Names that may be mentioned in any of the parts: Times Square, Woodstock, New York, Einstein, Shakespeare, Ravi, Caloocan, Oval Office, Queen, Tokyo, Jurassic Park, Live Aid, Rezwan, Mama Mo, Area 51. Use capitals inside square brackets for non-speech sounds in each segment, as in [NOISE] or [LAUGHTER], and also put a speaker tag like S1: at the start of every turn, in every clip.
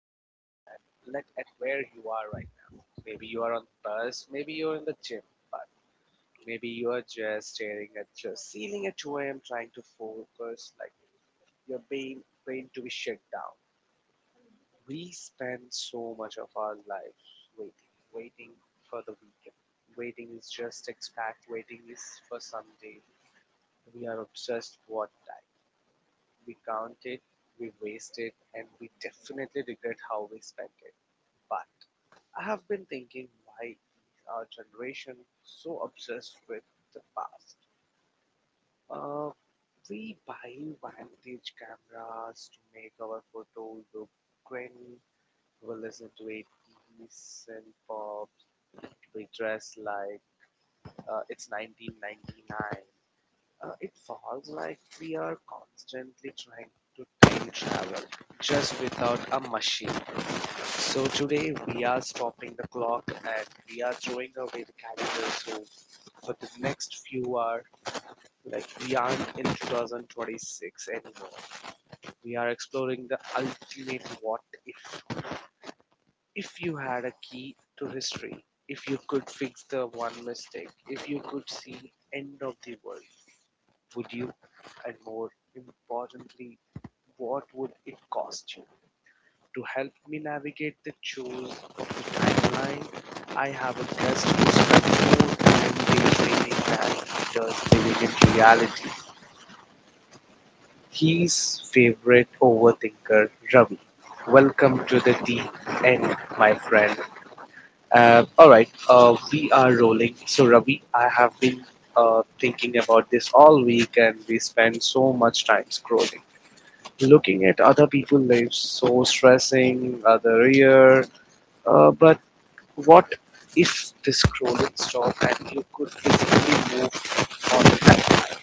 S1: and let at where you are right now. Maybe you are on the bus, maybe you're in the gym, but maybe you are just staring at your ceiling at 2 a.m. trying to focus like your brain to be shut down. We spend so much of our lives waiting, waiting for the weekend. Waiting is just expect waiting is for Sunday. We are obsessed what time We counted, we wasted, and we definitely regret how we spent it. But I have been thinking why is our generation so obsessed with the past? Uh, we buy vintage cameras to make our photo look grainy. We listen to 80s and pop. We dress like it's 1999. It falls like we are constantly trying to time travel just without a machine. So today we are stopping the clock and we are throwing away the calendar. So for the next few hours, like we aren't in 2026 anymore. We are exploring the ultimate what if. If you had a key to history, if you could fix the one mistake, if you could see end of the world, would you? And more importantly, what would it cost you? To help me navigate the chores of the timeline, I have a guest who spent more time daydreaming than he does living in reality. His favorite overthinker, Ravi. Welcome to the deep end, my friend. All right, we are rolling. So, Ravi, I have been thinking about this all week, and we spend so much time scrolling. Looking at other people lives so stressing other year but what if the scrolling stopped and you could physically move on the time?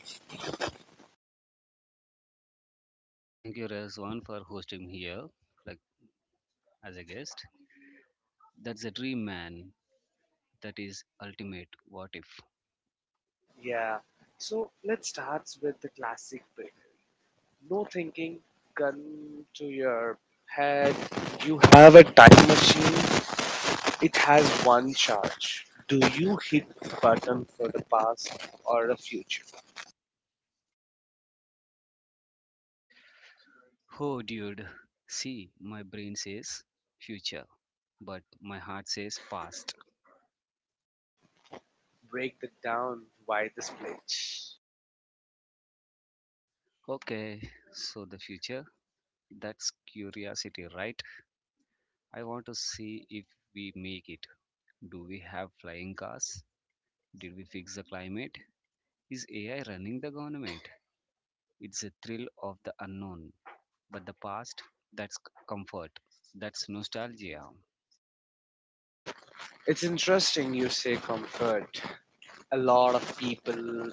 S2: Thank you, Rezwan, for hosting here, like, as a guest. That's a dream, man. That is ultimate. What if?
S1: Yeah, so let's start with the classic bit. No thinking, gun to your head, you have a time machine. It has one charge. Do you hit the button for the past or the future?
S2: Oh, dude. See, my brain says future, but my heart says past.
S1: Break it down. Why the split?
S2: Okay, so the future. That's curiosity, right? I want to see if we make it. Do we have flying cars? Did we fix the climate? Is AI running the government? It's a thrill of the unknown. But the past, that's comfort, that's nostalgia.
S1: It's interesting you say comfort. A lot of people,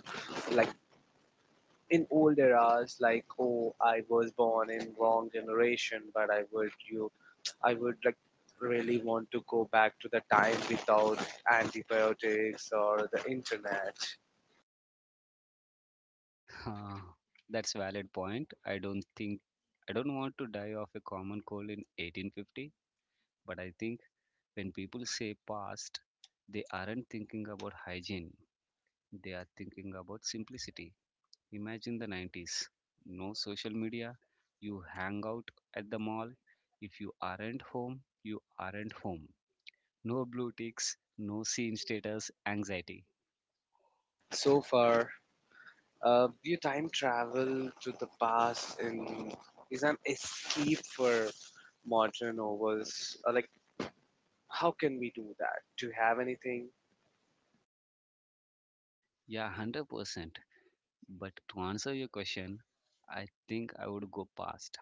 S1: like in old eras, like oh, I was born in wrong generation, but I would you, I would like really want to go back to the time without antibiotics or the internet.
S2: [LAUGHS] Ah, that's valid point. I don't want to die of a common cold in 1850, but I think when people say past, they aren't thinking about hygiene. They are thinking about simplicity. Imagine the 90s. No social media. You hang out at the mall. If you aren't home, you aren't home. No blue ticks, no scene status anxiety.
S1: So far, you time travel to the past in is an escape for modern novels. Like, how can we do that? Do you have anything
S2: Yeah, 100%. But to answer your question, I think I would go past.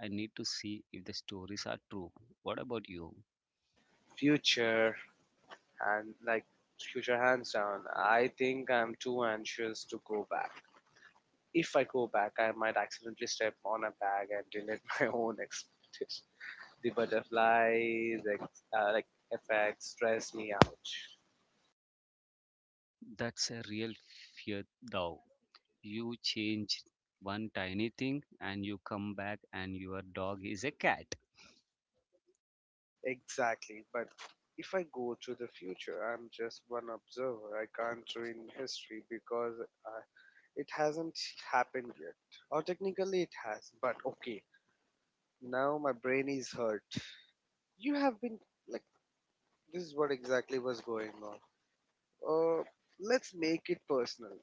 S2: I need to see if the stories are true. What about you?
S1: future? And like, future hands down. I think I'm too anxious to go back. If I go back, I might accidentally step on a bag and delete [LAUGHS] my own expectations. The butterflies like effects stress me out.
S2: That's a real fear, though. You change one tiny thing and you come back, and your dog is a cat.
S1: Exactly, but if I go to the future, I'm just one observer. I can't ruin history because uh, it hasn't happened yet, or technically it has, but okay, now my brain is hurt. You have been, like, this is what exactly was going on. Uh, let's make it personal.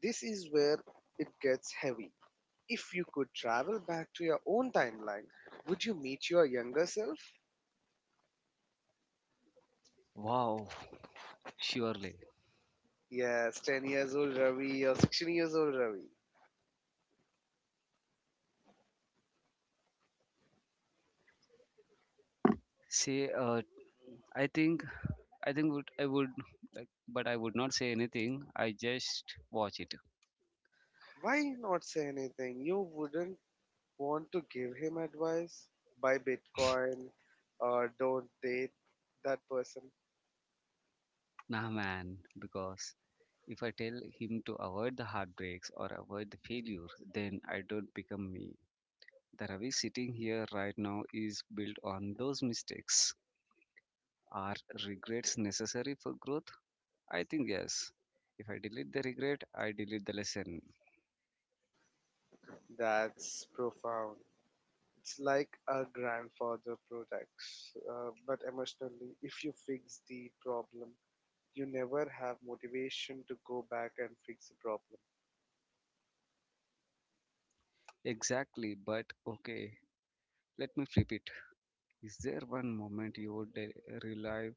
S1: This is where it gets heavy. If you could travel back to your own timeline, would you meet your younger self?
S2: Wow, surely.
S1: Yes, 10 years old Ravi or 16 years old Ravi.
S2: Say, I think, I think would I would, like, but I would not say anything. I just watch it.
S1: Why not say anything? You wouldn't want to give him advice? Buy Bitcoin or don't date that person?
S2: Nah, man, because if I tell him to avoid the heartbreaks or avoid the failure, then I don't become me. The Ravi sitting here right now is built on those mistakes. Are regrets necessary for growth? I think yes. If I delete the regret, I delete the lesson.
S1: That's profound. It's like a grandfather protects, but emotionally, if you fix the problem, you never have motivation to go back and fix the problem.
S2: Exactly, but okay, let me flip it. Is there one moment you would relive,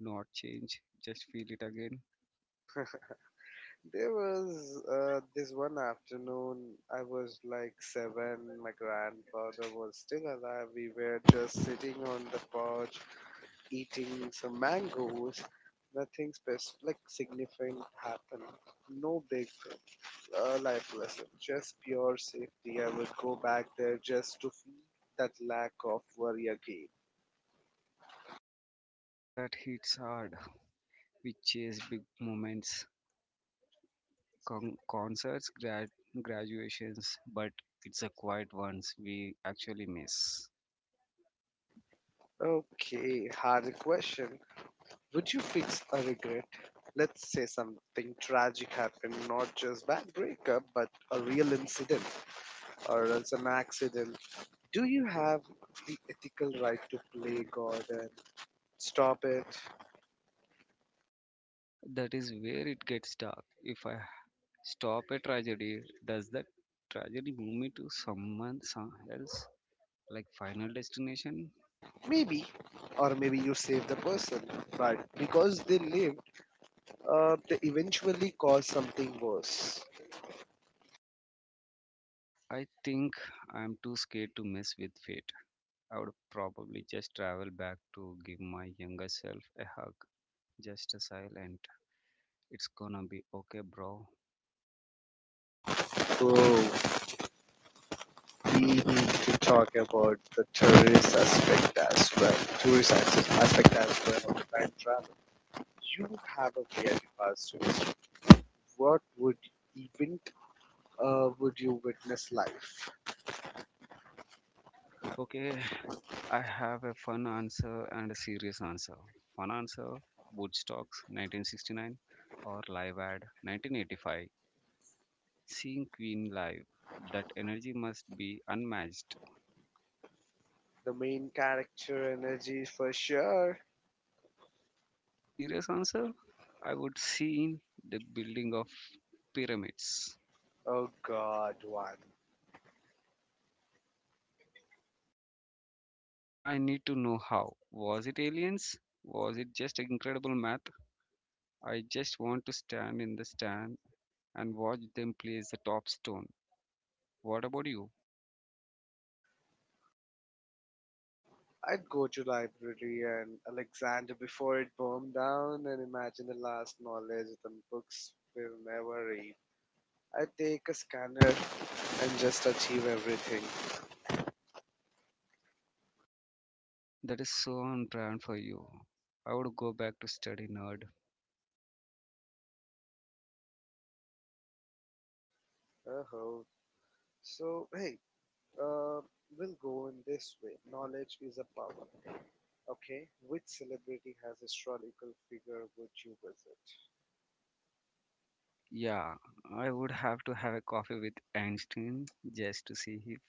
S2: not change, just feel it again?
S1: There was this one afternoon, I was like seven, my grandfather was still alive. We were just sitting on the porch eating some mangoes. Nothing specific, like significant happened. No big thing. A life lesson. Just pure safety. I would go back there just to feel that lack of worry again.
S2: That hits hard. We chase big moments, con- concerts, graduations, but it's a quiet ones we actually miss.
S1: Okay, hard question. Would you fix a regret? Let's say something tragic happened, not just bad breakup, but a real incident or else an accident. Do you have the ethical right to play God and stop it?
S2: That is where it gets dark. If I stop a tragedy, does that tragedy move me to someone some else? Like final destination?
S1: Maybe, or maybe you save the person, but because they lived, they eventually caused something worse.
S2: I think I'm too scared to mess with fate. I would probably just travel back to give my younger self a hug. Just a silent. It's gonna be okay, bro.
S1: Bro, we need to talk about the tourist aspect as well. Tourist access aspect as well of time travel. You have a very tourist. What would event would you witness life?
S2: Okay, I have a fun answer and a serious answer. Fun answer, Woodstocks 1969 or Live Ad 1985. Seeing Queen live, that energy must be unmatched.
S1: The main character energy for sure.
S2: Serious answer, I would see the building of pyramids.
S1: Oh God, one.
S2: I need to know how. Was it aliens? Was it just incredible math? I just want to stand in the stand and watch them place the top stone. What about you?
S1: I'd go to library and Alexander before it burned down and imagine the last knowledge the books will never read. I'd take a scanner and just achieve everything.
S2: That is so on brand for you. I would go back to study nerd.
S1: Oh, so hey, uh, we'll go in this way. Knowledge is a power. Okay, which celebrity has historical figure would you visit?
S2: Yeah, I would have to have a coffee with Einstein just to see if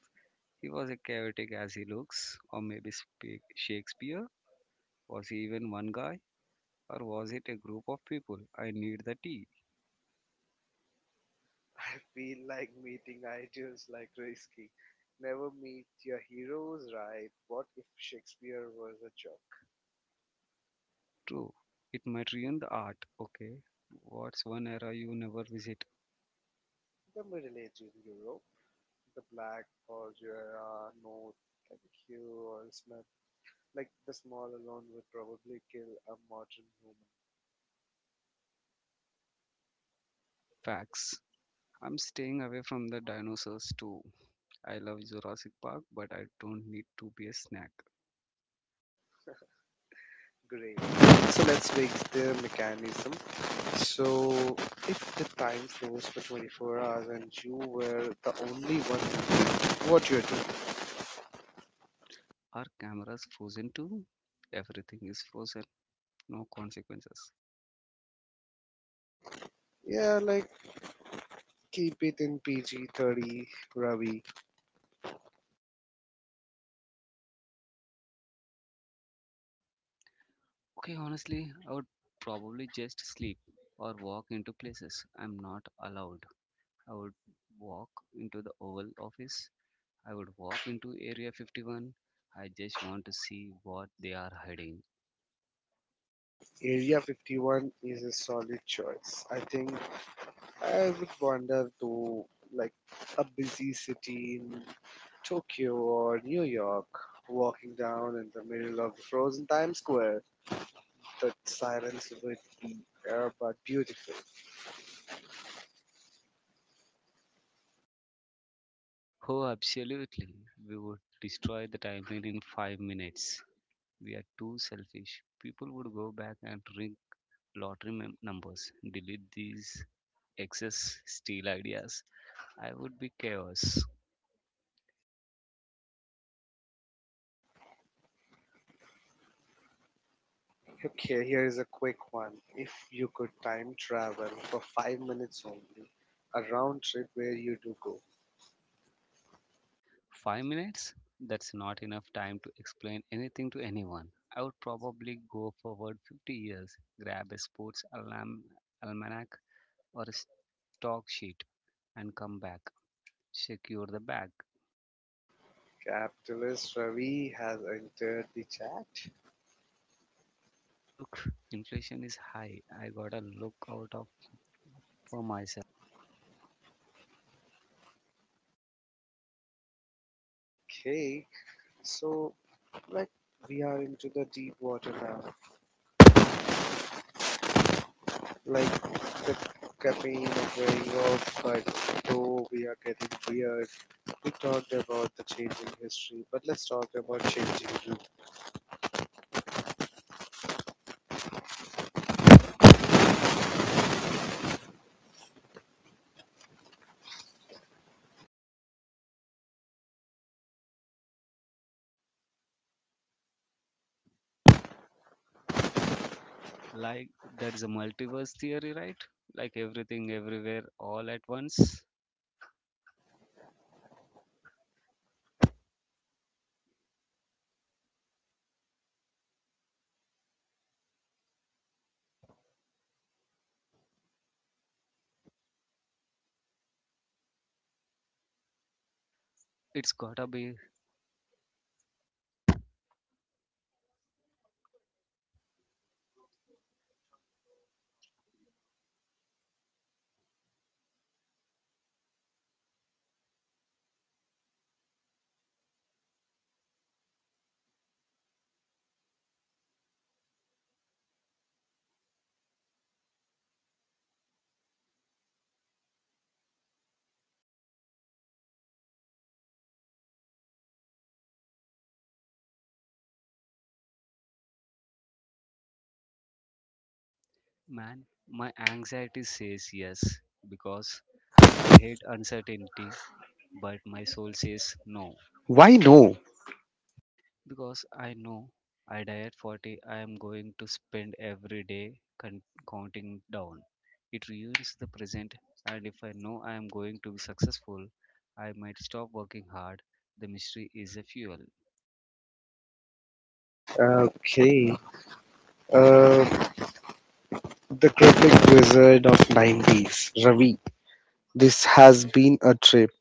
S2: he was a chaotic as he looks, or maybe Shakespeare. Was he even one guy, or was it a group of people? I need the tea.
S1: Feel like meeting ideals like risky. Never meet your heroes, right? What if Shakespeare was a jerk?
S2: True, it might ruin the art. Okay, what's one era you never visit?
S1: The Middle Ages in Europe, the Black or Jura, North Kenku or Smith, like the small alone would probably kill a modern human.
S2: Facts. I'm staying away from the dinosaurs too. I love Jurassic Park, but I don't need to be a snack.
S1: Great. So let's make the mechanism. So if the time flows for 24 hours and you were the only one, what you do?
S2: Our cameras frozen too? Everything is frozen, no consequences.
S1: Yeah, like keep it in PG 30, Ravi.
S2: Okay, honestly, I would probably just sleep or walk into places I'm not allowed. I would walk into the Oval Office. I would walk into Area 51. I just want to see what they are hiding.
S1: Area 51 is a solid choice. I think I would wander to like a busy city in Tokyo or New York, walking down in the middle of the frozen Times Square. The silence would be air but beautiful.
S2: Oh, absolutely. We would destroy the timeline in 5 minutes. We are too selfish. People would go back and ring lottery numbers, delete these excess, steal ideas. I would be chaos.
S1: Okay, here is a quick one. If you could time travel for 5 minutes only, a round trip where you do go.
S2: 5 minutes? That's not enough time to explain anything to anyone. I would probably go forward 50 years, grab a sports alarm, almanac or a stock sheet and come back. Secure the bag.
S1: Capitalist Ravi has entered the chat.
S2: Look, inflation is high. I gotta look out of for myself.
S1: Okay, so like we are into the deep water now. Like, the caffeine is wearing off, but though we are getting weird, we talked about the changing history, but let's talk about changing you.
S2: Like that is a multiverse theory, right? Like everything everywhere all at once. It's gotta be. Man, my anxiety says yes because I hate uncertainty, but my soul says no
S1: Why no?
S2: because I know I die at 40, I am going to spend every day counting down. It ruins the present, and if I know I am going to be successful, I might stop working hard. The mystery is a fuel.
S1: Okay. Uh, the cryptic wizard of 90s, Ravi. This has been a trip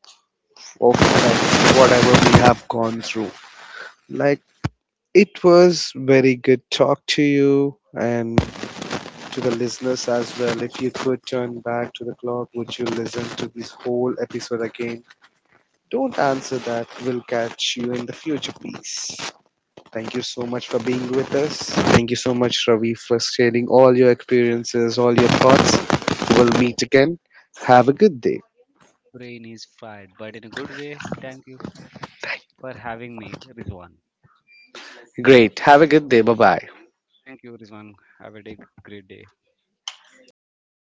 S1: of like, whatever we have gone through. Like, it was very good talk to you and to the listeners as well. If you could turn back to the clock, would you listen to this whole episode again? Don't answer that. We'll catch you in the future. Peace. Thank you so much for being with us. Thank you so much, Ravi, for sharing all your experiences, all your thoughts. We'll meet again. Have a good day.
S2: My brain is fried, but in a good way. Thank you for having me, Rizwan.
S1: Great. Have a good day. Bye bye.
S2: Thank you, Rizwan. Have a day, great day.